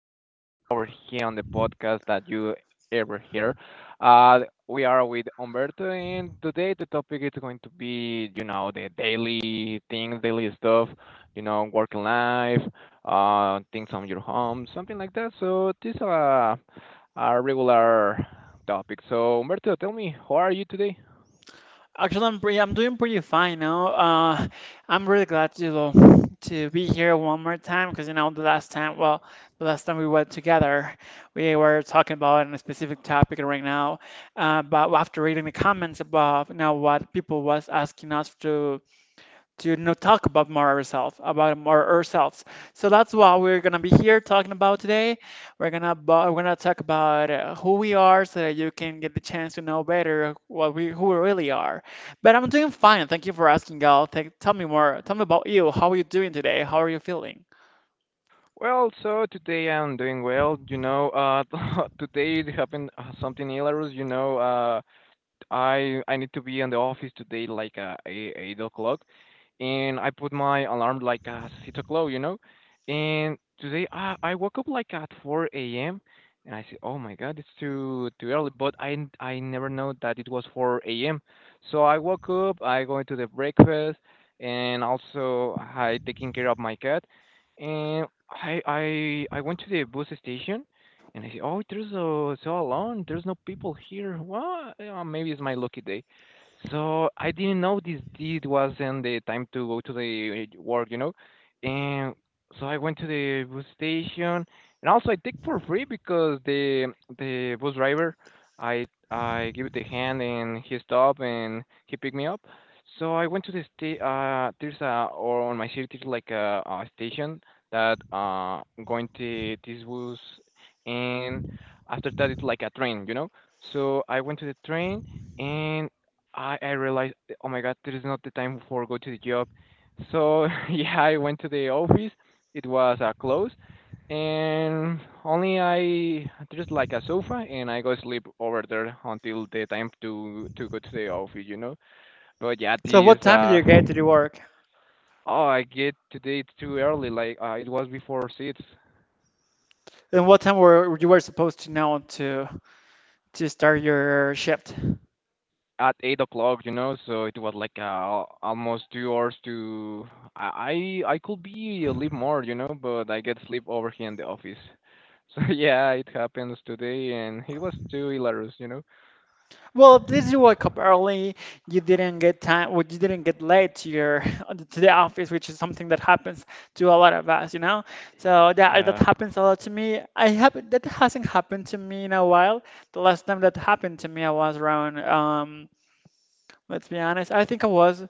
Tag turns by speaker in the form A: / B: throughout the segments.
A: on our day over here on the podcast that you ever hear. Uh, we are with Umberto, and today the topic is going to be, the daily things, daily stuff, working life, things on your home, something like that. So this is a regular topic. So Umberto, tell me, how are you today?
B: Actually, I'm doing pretty fine now. I'm really glad to to be here one more time because you know the last time, well, the last time we were together, we were talking about a specific topic right now. But after reading the comments about you know what people was asking us to not talk about more ourselves, about more ourselves. So that's what we're gonna be here talking about today. We're gonna talk about who we are, so that you can get the chance to know better what we who we really are. But I'm doing fine. Thank you for asking, Gal. Tell me more. Tell me about you. How are you doing today? How are you feeling?
A: Well, so today I'm doing well. You know, today it happened something hilarious. You know, I need to be in the office today like eight o'clock, and I put my alarm like six o'clock. And today I woke up like at 4 a.m. and I said, oh my God, it's too early. But I never know that it was 4 a.m. So I woke up, I go into the breakfast, and also I taking care of my cat, and I went to the bus station and I say, oh, there's a, so alone. There's no people here. Well, maybe it's my lucky day. So I didn't know this deed wasn't the time to go to the work. And so I went to the bus station, and also I take for free because the bus driver, I give it a hand and he stopped and he picked me up. So I went to the there's a or on my city there's like a station that going to this bus and after that it's like a train. So I went to the train and I realized, oh my God, there is not the time for go to the job. So yeah, I went to the office. It was closed, and only I there's like a sofa, and I go sleep over there until the time to go to the office. But yeah,
B: So what
A: this
B: time did
A: uh.
B: you get to the work?
A: Oh, I get today too early. Like it was before 6.
B: And what time were supposed to know to start your shift?
A: At 8 o'clock, you know, so it was like almost 2 hours to. I could be a little more, you know, but I get sleep over here in the office. So yeah, it happens today, and it was too hilarious.
B: Well, at least you woke up early. You didn't get late to your to the office, which is something that happens to a lot of us, you know. So that
A: Yeah,
B: happens a lot to me. I have That hasn't happened to me in a while. The last time that happened to me, I was around. Let's be honest. I think I was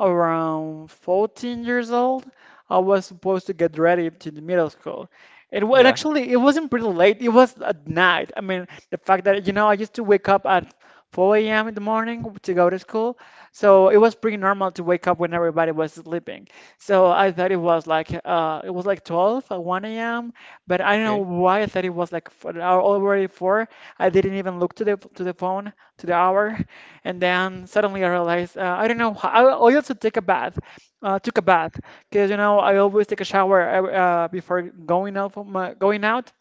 B: around 14 years old, I was supposed to get ready to the middle school. And
A: yeah,
B: actually it wasn't pretty late. It was at night. I mean, the fact that you know I used to wake up at 4 a.m. in the morning to go to school, so it was pretty normal to wake up when everybody was sleeping. So I thought it was like 12 at 1 a.m. But I don't know
A: okay,
B: why I thought it was like already 4. I didn't even look to the phone to the hour. And then suddenly I realized I don't know I also took a bath because you know I always take a shower before going out going out.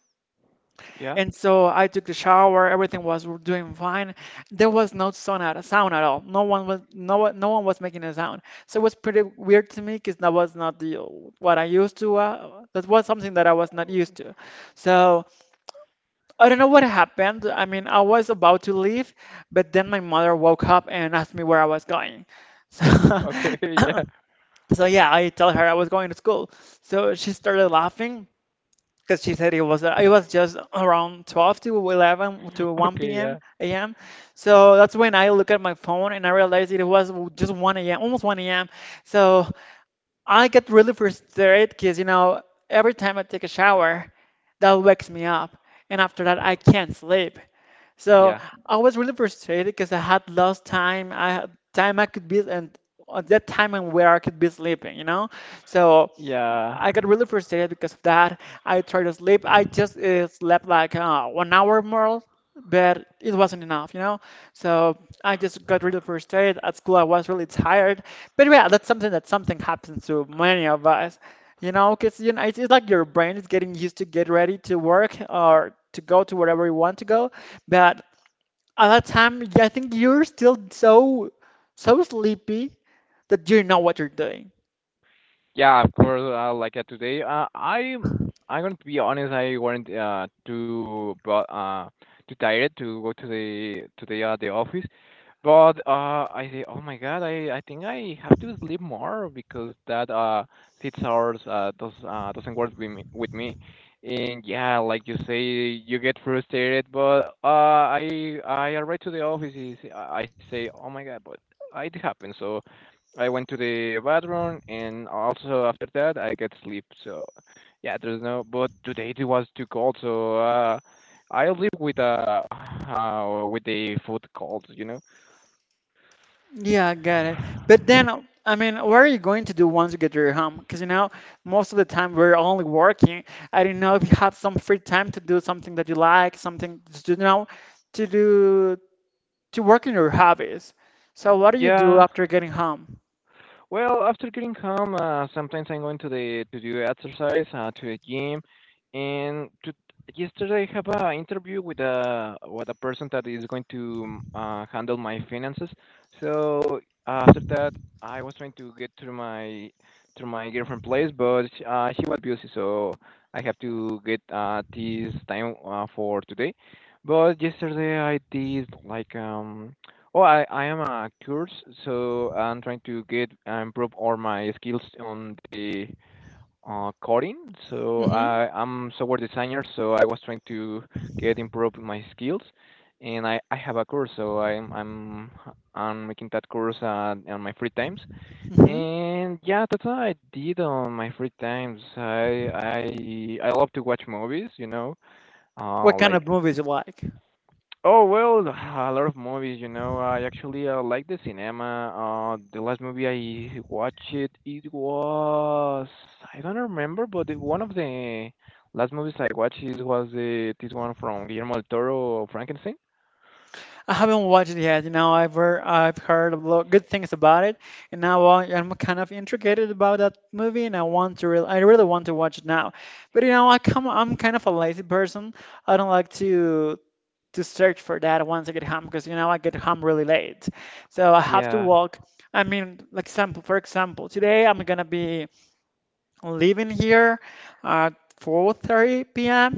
A: yeah,
B: And so I took the shower. Everything was doing fine. There was no sound at all. No one was making a sound. So it was pretty weird to me because that was not the what I used to. That was something that I was not used to. So I don't know what happened. I mean, I was about to leave, but then my mother woke up and asked me where I was going. So,
A: okay, yeah,
B: so yeah, I told her I was going to school. So she started laughing because she said it was just around 12 to 11 to 1
A: okay,
B: p.m.
A: yeah,
B: a.m. So that's when I look at my phone and I realized it was just 1 a.m. almost 1 a.m. So I get really frustrated because you know every time I take a shower, that wakes me up, and after that I can't sleep. So
A: yeah,
B: I was really frustrated because I had lost time. I had time I could be and at that time and where I could be sleeping, you know? So
A: yeah,
B: I got really frustrated because of that. I tried to sleep. I just slept like 1 hour more, but it wasn't enough, you know? So I just got really frustrated. At school, I was really tired. But yeah, that's something happens to many of us. You know, because you know, it's like your brain is getting used to get ready to work or to go to wherever you want to go, but at that time, I think you're still so sleepy that you know what you're doing.
A: yeah. Of course, like today, I'm going to be honest. I weren't too but too tired to go to the the office. But I say, oh my God, I think I have to sleep more because that 6 hours does doesn't work with me, and yeah, like you say, you get frustrated. But I arrived to the office. I say, oh my God, but it happened. So I went to the bathroom, and also after that I get sleep. So yeah, there's no. But today it was too cold, so I live with with the food cold.
B: Yeah, I got it. But then, I mean, what are you going to do once you get to your home? Because you know, most of the time we're only working. I don't know if you have some free time to do something that you like, something to to do to work on your hobbies. So what do you do
A: Yeah.
B: after getting home?
A: Well, after getting home, sometimes I'm going to the to do exercise, to the gym, and yesterday I have an interview with a person that is going to handle my finances. So after that, I was trying to get to my girlfriend place, but she was busy, so I have to get this time for today. But yesterday I did like. Oh, I am a course, so I'm trying to get improve all my skills on the coding. So
B: Mm-hmm.
A: I'm software designer, so I was trying to get improve my skills, and I have a course, so I'm making that course on my free times.
B: Mm-hmm.
A: And yeah, that's what I did on my free times. I love to watch movies, you know,
B: What kind
A: like.
B: of movies you like?
A: Oh well, a lot of movies. I actually like the cinema. The last movie I watched it was I don't remember, but one of the last movies I watched it was this one from Guillermo del Toro, Frankenstein.
B: I haven't watched it yet. You know, I've heard a lot good things about it, and now I'm kind of intrigued about that movie, and I want to I really want to watch it now. But you know, I'm kind of a lazy person. I don't like to search for that once I get home because you know I get home really late, so I have to
A: Yeah.
B: walk. I mean, for example, today I'm gonna be leaving here at 4:30 p.m.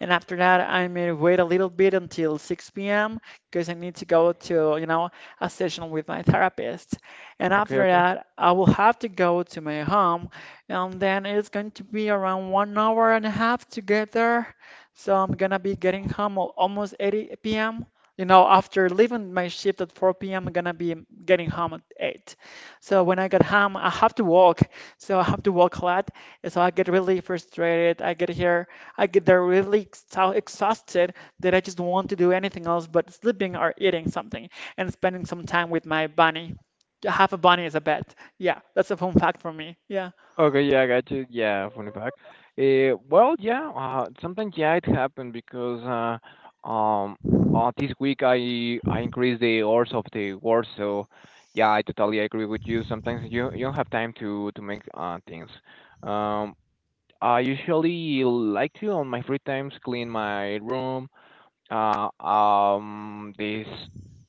B: and after that I may wait a little bit until 6 p.m. because I need to go to, you know, a session with my therapist. And
A: Okay.
B: after
A: Okay.
B: that, I will have to go to my home and then it's going to be around 1 hour and a half to get there. So I'm gonna be getting home almost 8 p.m. You know, after leaving my shift at 4 p.m., I'm gonna be getting home at 8. So when I get home, I have to walk. So I have to walk a lot. And so I get really frustrated. I get here, I get there really exhausted that I just don't want to do anything else but sleeping or eating something and spending some time with my bunny. Half a bunny is a pet. Yeah, that's a fun fact for me. Yeah.
A: Okay, yeah, I got you. Yeah, funny fact. Well, yeah, sometimes yeah, it happened because this week I increased the hours of the work, so yeah, I totally agree with you. Sometimes you don't have time to make things. Um, I usually like to on my free times clean my room, this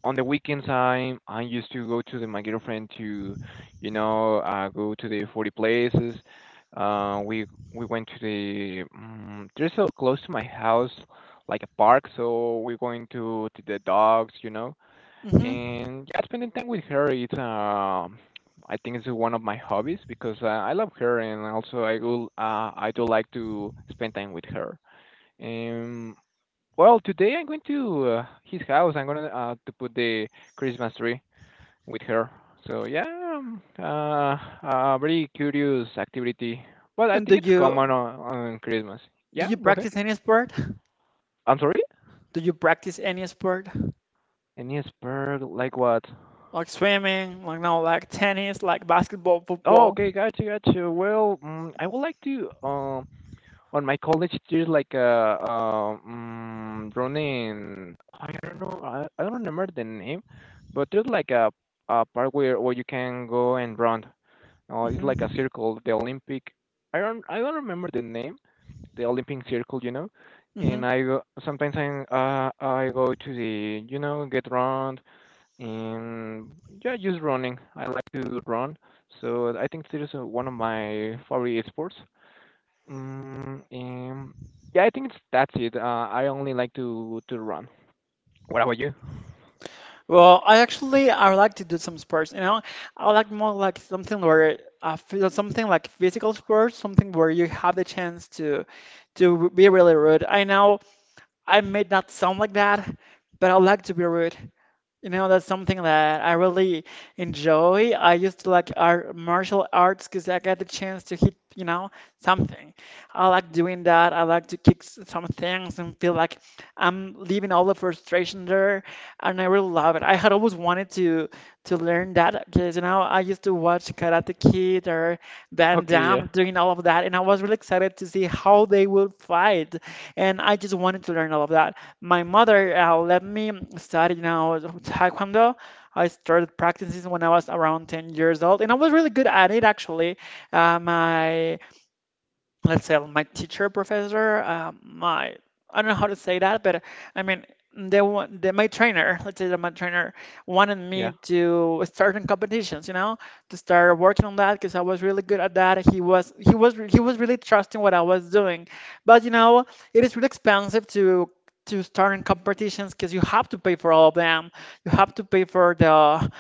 A: on the weekends, I used to go to my girlfriend go to the 40 places. Uh, we we went to the there's so close to my house, like a park. So we're going to the dogs, you know,
B: Hmm.
A: and yeah, spending time with her. It's. I think it's one of my hobbies because I love her and also I do like to spend time with her. Um, well, today I'm going to his house. I'm gonna to put the Christmas tree with her. So yeah, very curious activity, but I
B: And do
A: think it's
B: you
A: common on Christmas.
B: Do
A: Yeah,
B: you
A: go ahead.
B: practice any sport?
A: I'm sorry.
B: Do you practice any sport?
A: Any spur like what?
B: Like swimming, like no, like tennis, like basketball,
A: Oh,
B: football.
A: okay, gotcha, gotcha. Well, I would like to on my college years like running. I don't know. I don't remember the name, but there's like a park where you can go and run. Oh, it's like a
B: Mm-hmm.
A: circle, the Olympic. I don't remember the name, the Olympic circle. And I go sometimes I go to the get round and yeah just running. I like to run, so I think it's one of my favorite sports. Mm, and yeah, I think it's that's it. I only like to run. What about you?
B: Well, I would like to do some sports. You know, I would like more like something where I feel something like physical sports, something where you have the chance to be really rude. I know I may not sound like that, but I would like to be rude. You know, that's something that I really enjoy. I used to like martial arts because I got the chance to hit, you know, something. I like doing that. I like to some things and feel like I'm leaving all the frustration there, and I really love it. I had always wanted to learn that because, you know, I used to watch Karate Kid or Van
A: Okay, yeah,
B: Damme doing all of that, and I was really excited to see how they would fight, and I just wanted to learn all of that. My mother let me study now Taekwondo. I started practicing when I was around 10 years old, and I was really good at it actually. My let's say my teacher professor my I don't know how to say that but I mean my trainer let's say that my trainer wanted
A: yeah.
B: me to start in competitions you know to start working on that because I was really good at that he was really trusting what I was doing but you know it is really expensive to start in competitions because you have to pay for all of them you have to pay for the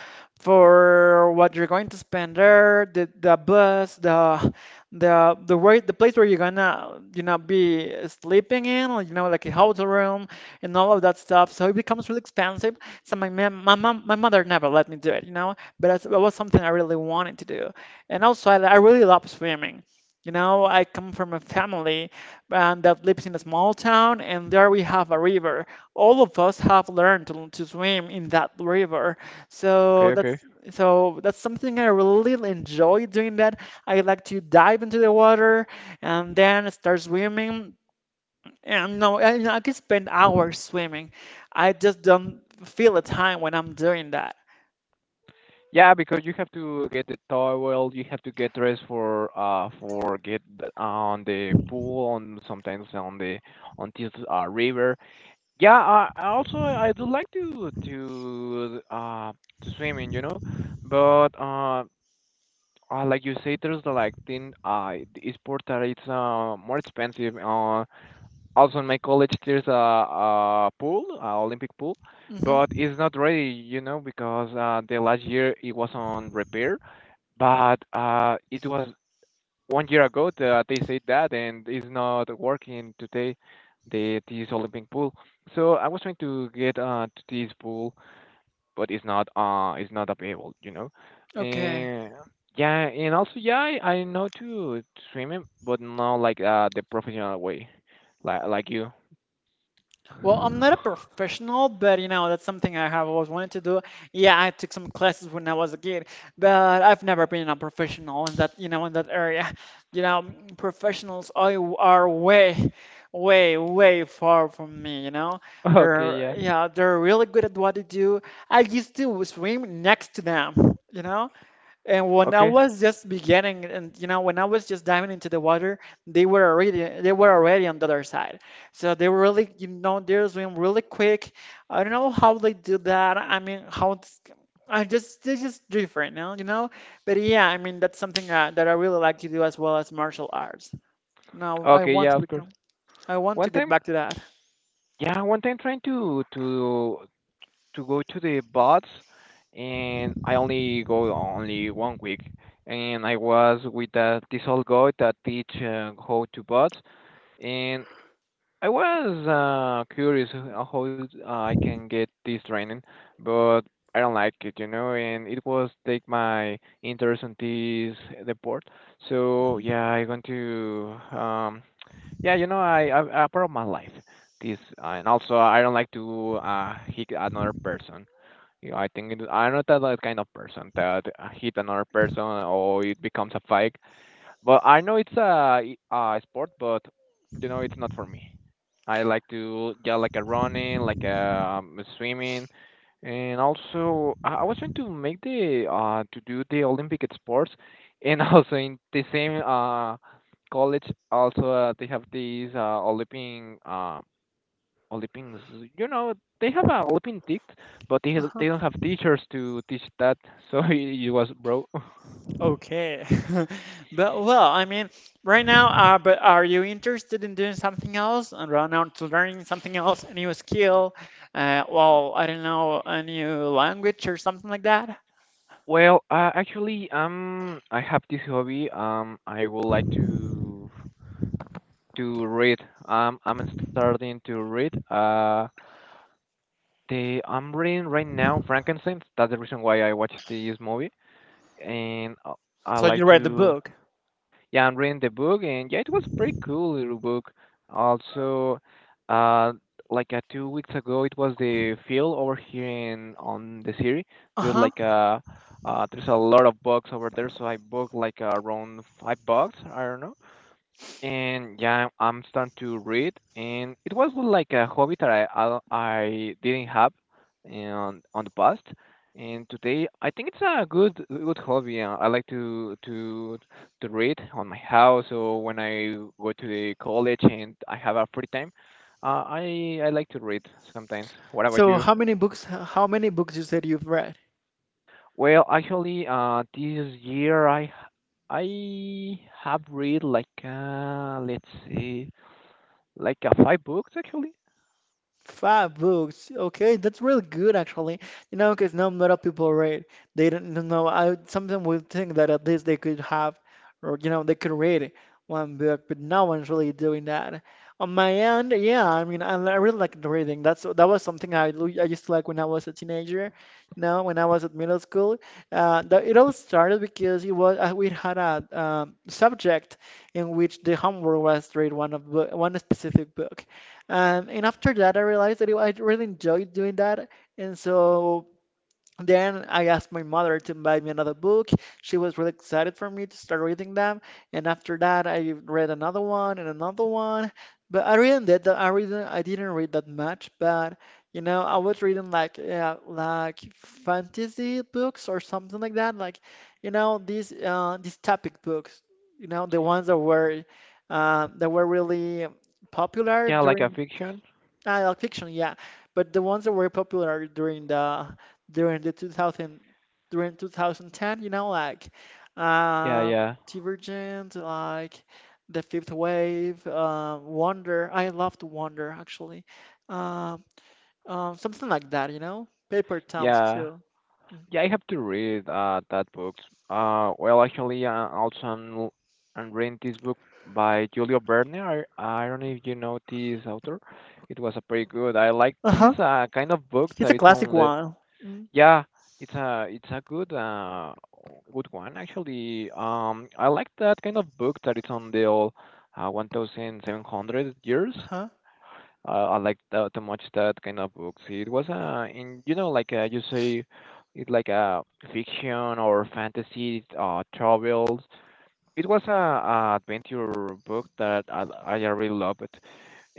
B: for what you're going to spend there the bus the way the place where you're gonna you know be sleeping in like, you know like a hotel room and all of that stuff so it becomes really expensive so my ma- my mom my mother never let me do it you know but that was something I really wanted to do and also I really love swimming you know I come from a family and that lives in a small town and there we have a river all of us have learned to swim in that river so
A: Okay, okay.
B: that's something I really enjoy doing that I like to dive into the water and then start swimming. And no, I can spend hours swimming. I just don't feel the time when I'm doing that.
A: Yeah, because you have to get the towel, you have to get dressed for get on the pool, on sometimes on the on this river. Yeah, I also I do like to swimming, you know, but like you say, there's like thing the sport that it's more expensive. Also in my college there's a pool, a Olympic pool, but
B: Hmm.
A: it's not ready, you know, because the last year it was on repair but it was 1 year ago that they said that, and it's not working today, the this Olympic pool. So I was trying to get to this pool, but it's not available, you know.
B: Okay.
A: And yeah, and also yeah, I know to swim it, but not like the professional way, like you.
B: Well, I'm not a professional, but you know, that's something I have always wanted to do. Yeah, I took some classes when I was a kid, but I've never been a professional in that, you know, in that area. You know, professionals are way, way far from me, you know.
A: Okay, yeah.
B: Yeah, they're really good at what they do. I used to swim next to them, you know. And when I
A: Okay.
B: was just beginning, and you know, when I was just diving into the water, they were already they were already on the other side. So they were really, you know, they're swimming really quick. I don't know how they do that. I mean, I just they're just different now, you know. But yeah, I mean, that's something that I really like to do as well as martial arts. Now
A: Okay, yeah, of course.
B: I want
A: One
B: to get
A: time,
B: back to that.
A: yeah, one time trying to go to the bots, and I only go only 1 week. And I was with this old guy that teach how to bots, and I was curious how I can get this training, but I don't like it, you know. And it was take my interest in this deport. So yeah, I want to yeah, I part of my life this and also I don't like to hit another person. Yeah, I think I'm not that like, kind of person that hit another person or it becomes a fight. But I know it's a sport, but you know it's not for me. I like to yeah, like a running, like a swimming, and also I was trying to make the to do the Olympic sports, and also in the same college also they have these Olympic Olympians, you know, they have a Olympic, but they
B: Mhm.
A: they don't have teachers to teach that, so it was bro.
B: Okay. But well, I mean, right now, but are you interested in doing something else and right now to learning something else, a new skill? Well, I don't know, a new language or something like that?
A: Well, actually, I have this hobby. I would like to read. I'm starting to read. The I'm reading right now Frankenstein. That's the reason why I watched this movie, and I
B: So
A: like
B: you read the
A: to.
B: book.
A: Yeah, I'm reading the book, and yeah, it was a pretty cool little book. Also, uh, like 2 weeks ago, it was the field over here in on the city. There's
B: Uh-huh.
A: like a there's a lot of bugs over there, so I booked like around $5. I don't know and yeah, I'm starting to read, and it was like a hobby that I didn't have on the past, and today I think it's a good hobby. I like to read on my house or when I go to the college and I have a free time. I like to read sometimes. What about
B: So
A: you?
B: how many books you said you've read?
A: Well, actually, this year I have read like let's see, like five books actually.
B: Five books. Okay, that's really good actually. You know, because not a lot of people read. They don't know. I sometimes would think that at least they could have, or you know, they could read one book, but no one's really doing that. On my end, yeah, I mean, I really like the reading. That was something I used to like when I was a teenager. You know, when I was at middle school, it all started because it was we had a subject in which the homework was to read one specific book. And after that, I really enjoyed doing that. And so then I asked my mother to buy me another book. She was really excited for me to start reading them. And after that, I read another one and another one. But I really I didn't read that much, but you know, I was reading like yeah, like fantasy books or something like that. Like, you know, these topic books. You know, the ones that were really popular
A: Yeah, like a
B: during.
A: fiction?
B: Ah, like fiction, yeah. But the ones that were popular during the 2000, during 2010, you know, like
A: Yeah,
B: uh,
A: yeah.
B: Divergent, like The Fifth Wave, Wonder. I loved Wonder actually. Um, something like that, you know. Paper Towns
A: Yeah.
B: too. Mm.
A: Yeah, I have to read that book. Well actually also I'm reading this book by Julio Verne. I don't know if you know this author. It was a pretty good. I like this
B: Uh-huh.
A: kind of book
B: It's
A: that
B: a
A: it's
B: classic
A: only
B: one. Mm.
A: yeah, it's a good good one actually. I like that kind of book that it's on the 1700 years
B: Uh-huh.
A: I like too much that kind of books. It was in you know like you say, it's like a fiction or fantasy travels. It was a adventure book that I really love it.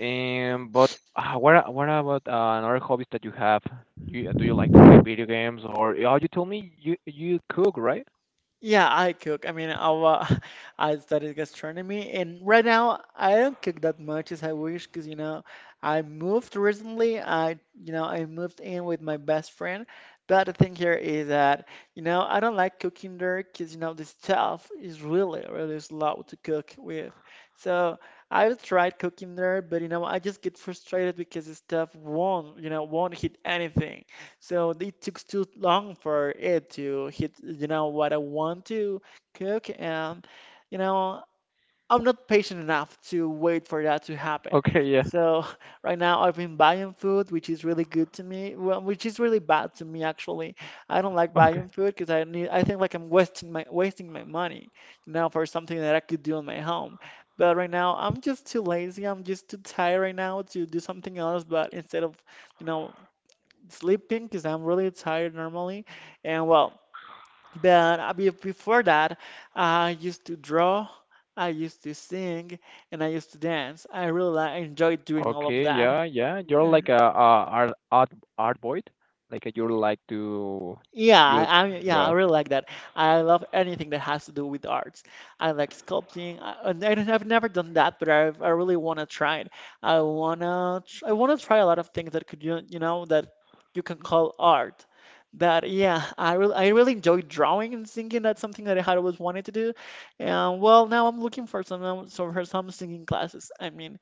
A: But what about another hobbies that you have? Do you like to play video games or? Oh, you told me you cook, right?
B: Yeah, I cook. I studied gastronomy, and right now I don't cook that much as I wish because, you know, I moved recently. You know, I moved in with my best friend. But the thing here is that, you know, I don't like cooking there because, you know, the stuff is really, really slow to cook with. So I've tried cooking there, but, you know, I just get frustrated because the stuff won't, you know, won't hit anything. So it took too long for it to hit, you know, what I want to cook. And, you know, I'm not patient enough to wait for that to happen.
A: Okay, yeah.
B: So right now I've been buying food, which is really good to me, well, which is really bad to me actually. I don't like
A: Okay.
B: buying food because I need, I think like I'm wasting my money, you know, for something that I could do in my home. But right now I'm just too lazy. I'm just too tired right now to do something else. But instead of you know sleeping because I'm really tired normally. And well, but before that, I used to draw, I used to sing, and I used to dance. I enjoyed doing all of
A: Okay,
B: that.
A: yeah, yeah. You're
B: Uh,
A: like a, a art boy, like you like to
B: Yeah,
A: you
B: I yeah, I
A: draw.
B: really like that. I love anything that has to do with arts. I like sculpting. I've never done that, but I really want to try it. I wanna try a lot of things that could you you know that you can call art. That yeah, I really enjoy drawing and singing. That's something that I had always wanted to do. And well, now I'm looking for some singing classes. I mean,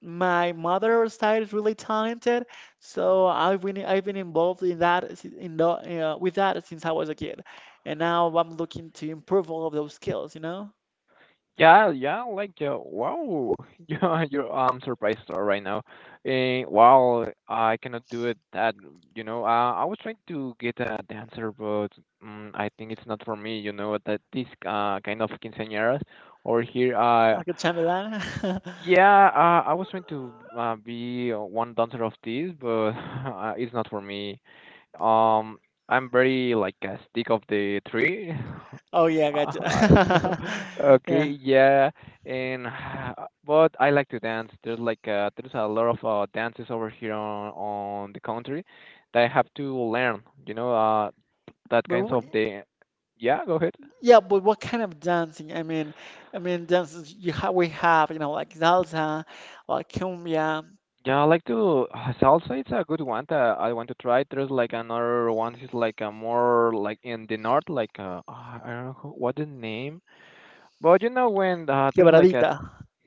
B: my mother's side is really talented, so I've been involved in that s- in the, with that since I was a kid, and now I'm looking to improve all of those skills. You know,
A: Yeah, yeah. Like wow, yeah. You're I'm surprised right now. Eh, wow, I cannot do it. That you know, I was trying to get a dancer, but mm, I think it's not for me. You know, that this kind of quinceañeras or here.
B: like a chamberlain.
A: Yeah, I was trying to be one dancer of this, but it's not for me. Um, I'm very like a stick of the tree.
B: Oh yeah,
A: Uh,
B: gotcha.
A: Okay,
B: Yeah,
A: yeah, and but I like to dance. There's like there's a lot of dances over here on the country that I have to learn. You know, that
B: but
A: kinds
B: what,
A: of the. Yeah, go ahead.
B: yeah, but what kind of dancing? I mean dances you have we have you know like salsa, like cumbia,
A: Yeah, I like to salsa. It's a good one that I want to try. There's like another one. Is like a more like in the north, like I don't know what the name, but you know when there's like a
B: quebradita.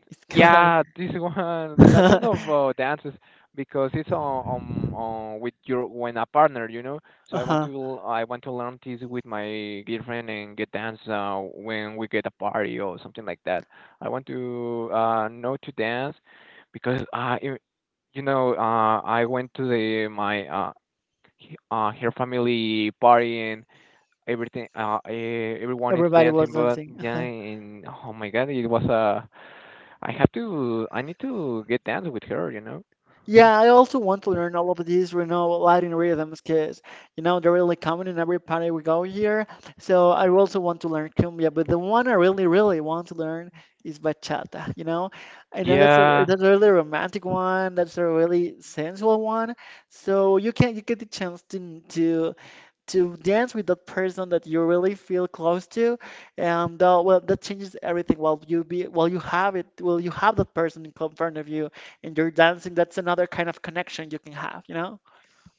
B: It's quebrad.
A: yeah this one that kind of dances because it's on with your when a partner, you know. So
B: Uh-huh.
A: I want to learn this with my girlfriend and get dance when we get a party or something like that. I want to know to dance because you know, I went to the my her family party and everything. Everyone is
B: Everybody was
A: dancing, but
B: dancing.
A: yeah, and oh my God, it was I have to, I need to get dance with her, you know.
B: Yeah, I also want to learn all of these, you know, Latin rhythms because, you know, they're really common in every party we go here. So I also want to learn cumbia, but the one I really, really want to learn is bachata, you know. I know that's
A: Yeah.
B: a really romantic one, that's a really sensual one. So you can you get the chance to to dance with that person that you really feel close to, and well, that changes everything. While you be, while you have it, while you have that person in front of you, and you're dancing, that's another kind of connection you can have, you know?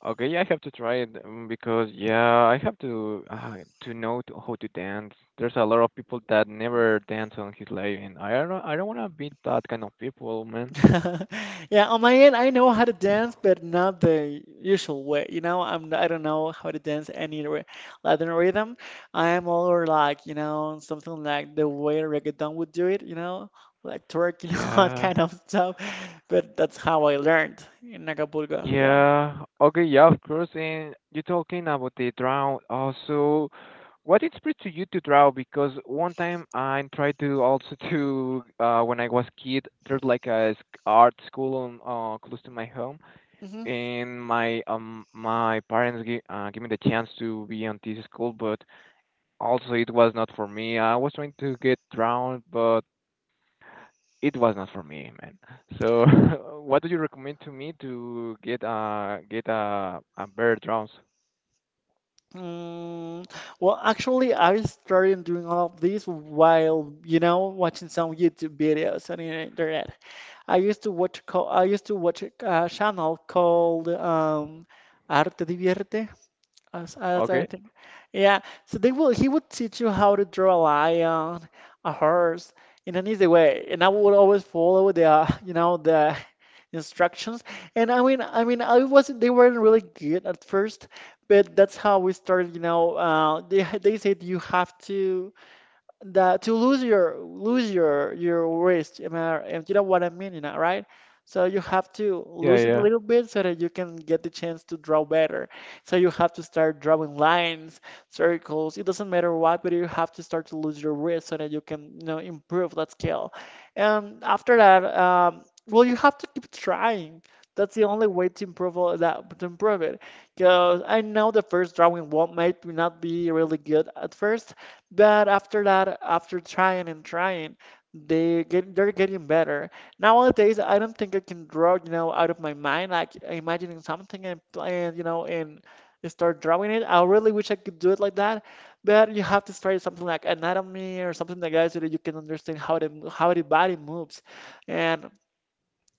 A: Okay, I have to try it because yeah, I have to know to, how to dance. There's a lot of people that never dance on his life, and I don't wanna be that kind of people, man.
B: Yeah, on my end, I know how to dance, but not the usual way. You know, I don't know how to dance Latin rhythm. I am more like, you know, something like the way reggaeton would do it, you know, like twerk, you know, that
A: Yeah.
B: kind of stuff. But that's how I learned in Acapulco. Yeah.
A: Yeah. Okay. Yeah, of course. And you're talking about the drown also. What inspired to you to draw? Because one time I tried to also to when I was kid, there's like art school on close to my home,
B: Hmm.
A: and my my parents gave me the chance to be on this school, but also it was not for me. I was trying to get drowned, but it was not for me, man. So, what do you recommend to me to get a get a better drums?
B: Mm, well, actually, I started doing all of this while, you know, watching some YouTube videos on the internet. I used to watch a channel called Arte Divierte, as I
A: Okay.
B: think. Yeah, so they will he would teach you how to draw a lion, a horse in an easy way, and I would always follow the you know the instructions. And I mean, I wasn't they weren't really good at first, but that's how we started. You know, they said you have to that to lose your wrist. I mean, if you know what I mean, you know, right? So you have to
A: Yeah,
B: lose it a
A: yeah.
B: little bit so that you can get the chance to draw better, so you have to start drawing lines, circles. It doesn't matter what, but you have to start to lose your wrist so that you can, you know, improve that skill. And after that, well, you have to keep trying. That's the only way to improve all that to improve it, because I know the first drawing won't might not be really good at first, but after that, after trying and trying, they're getting better. Nowadays, I don't think I can draw, you know, out of my mind, like imagining something and start drawing it. I really wish I could do it like that, but you have to study something like anatomy or something like that so that you can understand how the body moves. And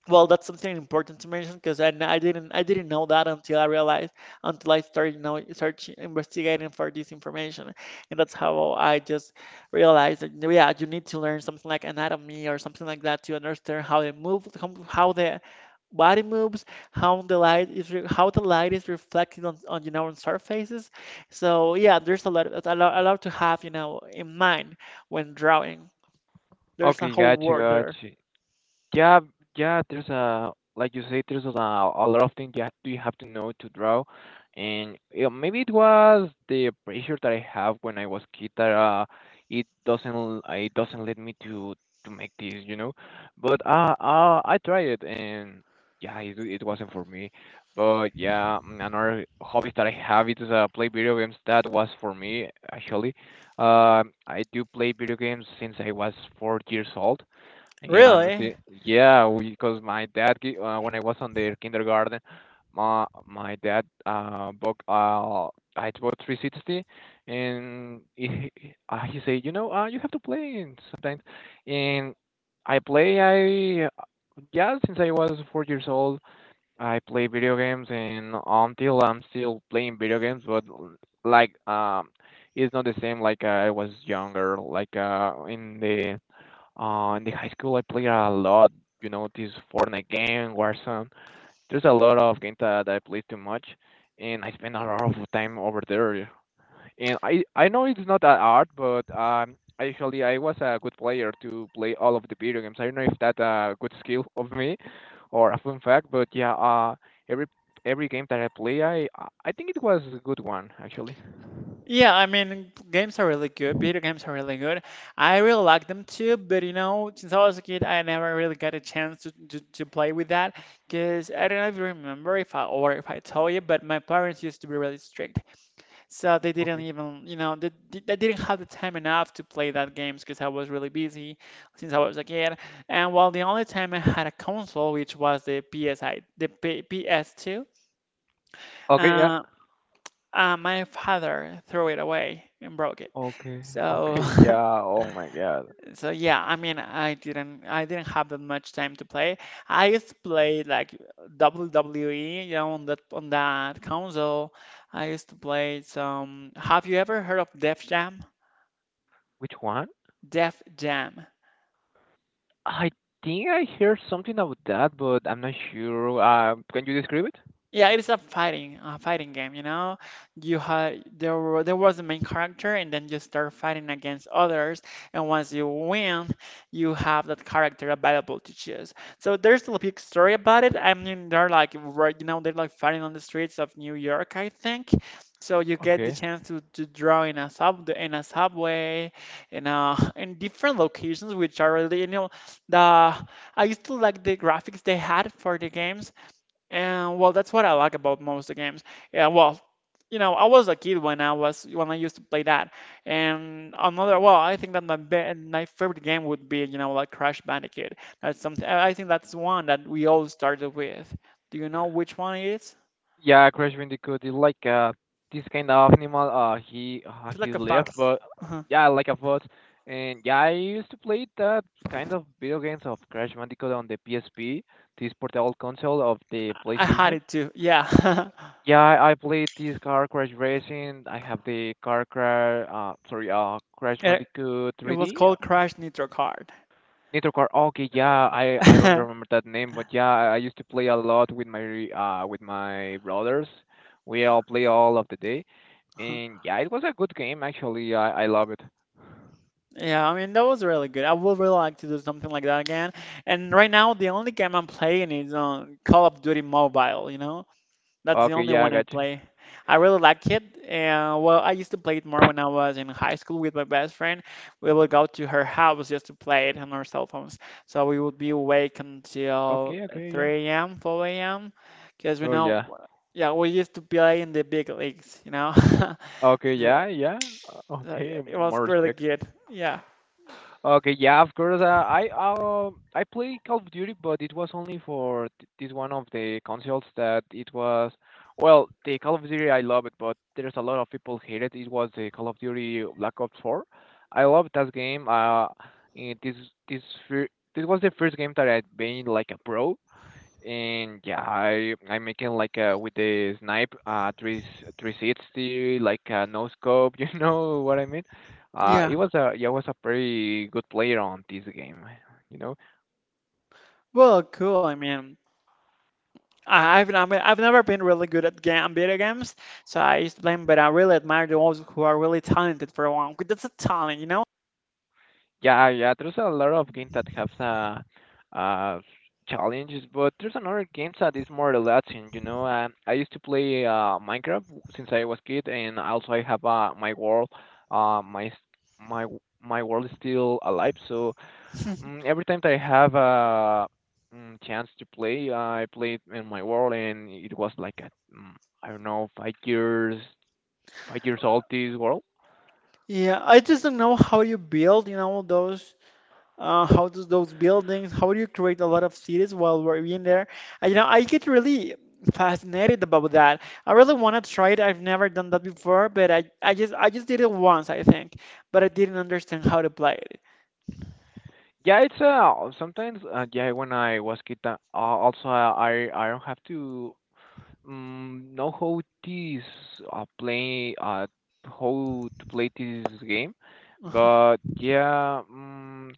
B: well, that's something important to mention because, I didn't know that until I realized, until I started now searching, investigating for this information, and that's how I just realized that yeah, you need to learn something like anatomy or something like that to understand how they move, how the body moves, how the light is reflected on, you know, on surfaces. So yeah, there's a lot to have you know in mind when drawing. There's a
A: Okay,
B: whole
A: gotcha,
B: world there.
A: gotcha. Yeah, yeah, there's a like you say, there's a lot of things you have to know to draw, and yeah, maybe it was the pressure that I have when I was kid that it doesn't let me to make this, you know. But I tried it, and yeah, it wasn't for me. But yeah, another hobby that I have is play video games. That was for me actually. I do play video games since I was 4 years old and I'm
B: Really?
A: see, yeah, because when I was on the kindergarten, my dad bought I bought 360, and he said, you know, you have to play in sometimes, and I play. I yeah, since I was 4 years old, I play video games, and until I'm still playing video games, but like um, it's not the same like I was younger, like in the high school, I played a lot. You know, this Fortnite game, Warzone. There's a lot of games that I play too much, and I spend a lot of time over there. And I know it's not that hard, but actually I was a good player to play all of the video games. I don't know if that's a good skill of me, or a fun fact, but yeah, every every game that I play, I think it was a good one actually.
B: Yeah, I mean, games are really good. Video games are really good. I really like them too, but you know, since I was a kid, I never really got a chance to, to play with that. Because I don't know if you remember if I told you, but my parents used to be really strict. So they didn't
A: Okay.
B: even, you know, they didn't have the time enough to play that games because I was really busy since I was a kid. And well, the only time I had a console, which was the PSI, the P PS2.
A: Okay. Yeah.
B: My father threw it away and broke it.
A: Okay.
B: So,
A: Okay. Yeah. Oh my God.
B: so yeah, I mean, I didn't have that much time to play. I used to play like WWE, you know, on that console. I used to play some. Have you ever heard of Def Jam?
A: Which one?
B: Def Jam.
A: I think I heard something about that, but I'm not sure. Can you describe it?
B: Yeah, it is a fighting game, you know. You had there were, there was a main character, and then you start fighting against others. And once you win, you have that character available to choose. So there's a big story about it. I mean, they're like, right, you know, they're like fighting on the streets of New York, I think. So you get the
A: Okay.
B: chance to draw in a subway, in a, in different locations, which are really, you know, the I used to like the graphics they had for the games, and well, that's what I like about most of the games. Yeah, well, you know, I was a kid when I was when I used to play that. And another, well, I think that my favorite game would be, you know, like Crash Bandicoot. That's something I think that's one that we all started with. Do you know which one it is?
A: Yeah, Crash Bandicoot is like this kind of animal.
B: It's
A: He
B: like a
A: left,
B: fox.
A: but
B: uh
A: yeah, like a bot. And yeah, I used to play that kind of video games of Crash Bandicoot on the PSP, this portable console of the
B: I had
A: PlayStation.
B: it too. Yeah.
A: Yeah, I played this car crash racing. I have the car crash, sorry, Crash
B: It,
A: Bandicoot
B: it was
A: 3D.
B: called Crash Nitro Kart.
A: Nitro Car. Okay, yeah, I don't remember that name, but yeah, I used to play a lot with my brothers. We all play all of the day, and yeah, it was a good game actually. I love it.
B: Yeah, I mean that was really good. I would really like to do something like that again. And right now, the only game I'm playing is on Call of Duty Mobile. You know, that's the
A: Okay,
B: only
A: yeah, I
B: one I
A: got you.
B: play. I really like it. And well, I used to play it more when I was in high school with my best friend. We would go to her house just to play it on our cell phones. So we would be awake until
A: Okay, okay, yeah.
B: 3 a.m., 4 a.m. Because we
A: Oh
B: know,
A: yeah.
B: yeah, we used to play in the big leagues. You know,
A: Okay,
B: so,
A: yeah, yeah.
B: yeah,
A: Okay,
B: it was
A: more
B: really
A: respect.
B: good. Yeah.
A: Okay, yeah, of course. I play Call of Duty, but it was only for this one of the consoles that it was. Well, the Call of Duty I love it, but there's a lot of people hate it. It was the Call of Duty Black Ops 4. I love that game. Eh, this this fir- this was the first game that I made like a pro, and yeah, I'm making like with the snipe three three sixty like no scope, you know what I mean?
B: Yeah,
A: It was a yeah, was a pretty good player on this game, you know.
B: well, cool. I mean, I've never been really good at video games, so I used to play 'em, but I really admire those who are really talented for one. 'Cause that's a talent, you know?
A: Yeah, yeah, there's a lot of games that have challenges, but there's another games that is more relaxing, you know. I used to play Minecraft since I was kid, and also I have my world, my s- my w- my world is still alive, so Every time that I have a chance to play, I played in my world, and it was like a, mm, I don't know, 5 years, 5 years old this world.
B: Yeah, I just don't know how you build, you know, those, how does those buildings, how do you create a lot of cities while we're in there? I, you know, I get really fascinated about that. I really want to try it. I've never done that before, but I just did it once, I think, but I didn't understand how to play
A: Yeah, it's sometimes yeah when I was kid, also I don't have to know how this play how to play this game,
B: it.
A: but yeah.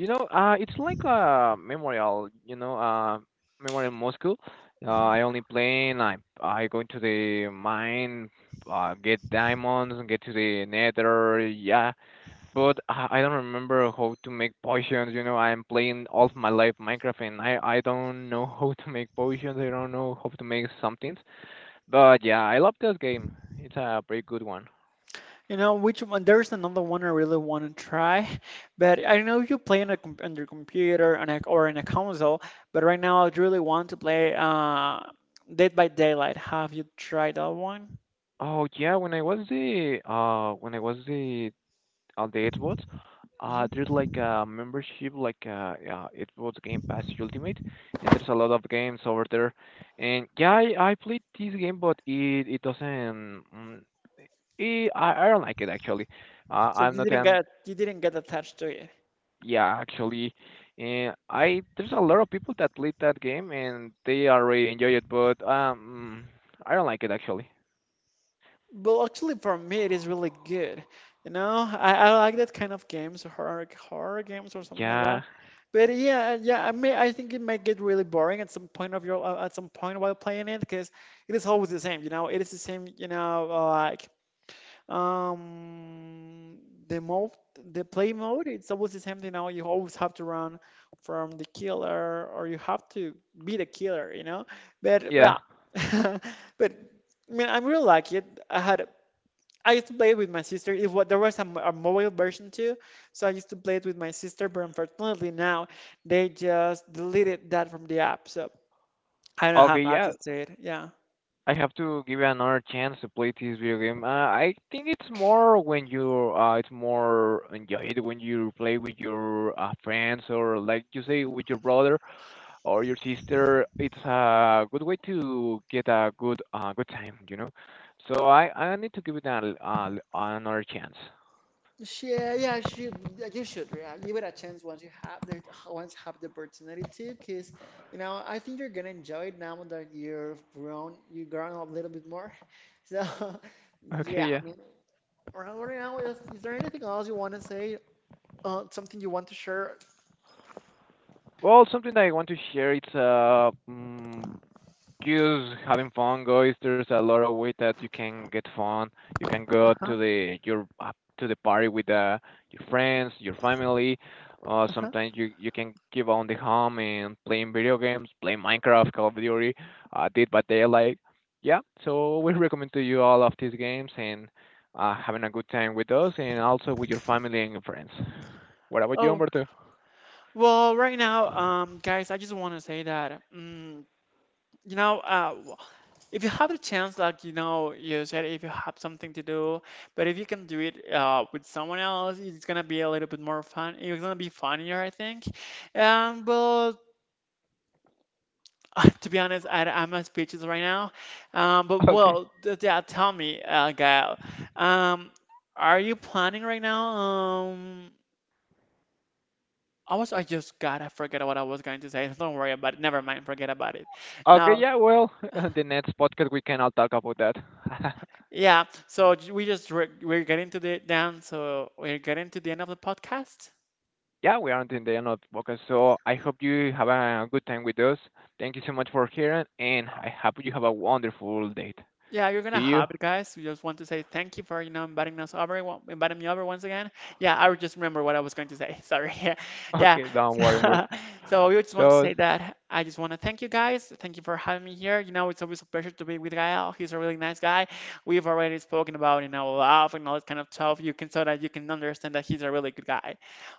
A: You know, it's like a memorial, you know, memorial Moscow. I only plane, I go into the mine, get diamonds and get to the nether, yeah. But I don't remember how to make potions, you know, I'm playing all of my life Minecraft and I don't know how to make potions, I don't know how to make something. But yeah, I love this game. It's a pretty good one.
B: You know which one? There's another one I really want to try, but I know you play on a on your computer on a, or in a console. But right now, I really want to play Dead by Daylight. Have you tried that one?
A: Oh yeah, when I was the on the Xbox.
B: Hmm.
A: There's like a membership, like yeah, Xbox Game Pass Ultimate, and there's a lot of games over there. And yeah, I played this game, but it doesn't. It, I don't like it actually.
B: So
A: I'm not an
B: you didn't get attached to it.
A: yeah actually. And I there's a lot of people that played that game and they already enjoy it, but I don't like it actually.
B: Well, actually, for me, it is really good. You know, I like that kind of games, horror games or something like that.
A: Yeah,
B: But yeah, yeah, I mean, I think it might get really boring at some point of your at some point while playing it because it is always the same, you know. It is the same, you know, like um the mode, the play mode. It's always the same, you know. You always have to run from the killer, or you have to be the killer, you know. But yeah,
A: yeah.
B: but I mean, I really like it. I used to play it with my sister. If what there was a mobile version too, so I used to play it with my sister. But unfortunately now they just deleted that from the app, so I don't
A: Okay,
B: have
A: yeah.
B: access to it. Yeah.
A: I have to give you another chance to play this video game. I think it's more when you it's more enjoyed when you play with your friends or like you say with your brother or your sister. It's a good way to get a good good time, you know. So I need to give it another chance.
B: Yeah, yeah, should, yeah, you should, yeah, give it a chance once you have the once you have the opportunity to, because you know I think you're gonna enjoy it now that you've grown up a little bit more. So yeah,
A: Okay, yeah.
B: I mean, right now, is there anything else you want to say? Something you want to share?
A: Well, something that I want to share. It's just having fun, guys. There's a lot of way that you can get fun. You can go
B: Uh-huh,
A: to the your to the party with your friends, your family.
B: uh-huh.
A: Sometimes you can give on the home and playing video games, playing Minecraft, Call of Duty, Dead by Daylight. Yeah, so we recommend to you all of these games and having a good time with us and also with your family and your friends. What about you,
B: Oh.
A: Humberto?
B: Well, right now, guys, I just want to say that, you know, if you have the chance, like, you know, you said if you have something to do, but if you can do it with someone else, it's gonna be a little bit more fun. It's gonna be funnier, I think. But to be honest, I, I'm not speechless right now. But
A: Okay.
B: well, yeah, tell me, Gael, um, are you planning right now? I was, I just God, I forget what I was going to say. Don't worry about it. Never mind. Forget about it.
A: Okay,
B: Now,
A: yeah, well, the next podcast we can all talk about that.
B: yeah. So we just we're getting to the down. So we're getting to the end of the podcast.
A: Yeah, we are until the end of the podcast, so I hope you have a good time with us. Thank you so much for hearing, and I hope you have a wonderful date.
B: Yeah, you're gonna
A: See you.
B: have it, guys. We just want to say thank you for you know inviting us over, inviting me over once again. Yeah, I just remember what I was going to say. Sorry. Yeah, yeah.
A: Okay, don't worry,
B: So,
A: Umberto.
B: so we just want to
A: So,
B: say that I just want to thank you guys. Thank you for having me here. You know, it's always a pleasure to be with Gael. He's a really nice guy. We've already spoken about you know love and all that kind of stuff. You can so that you can understand that he's a really good guy.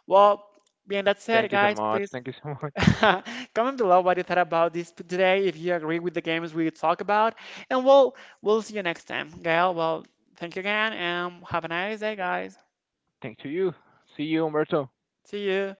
B: Well, being that said,
A: thank you so
B: guys,
A: much.
B: please
A: Thank you so much.
B: comment below what you thought about this today, if you agree with the games we talk about, and we'll see you next time, Gail. Well, thank you again, and have a nice day, guys.
A: Thanks to you. See you, Umberto.
B: See you.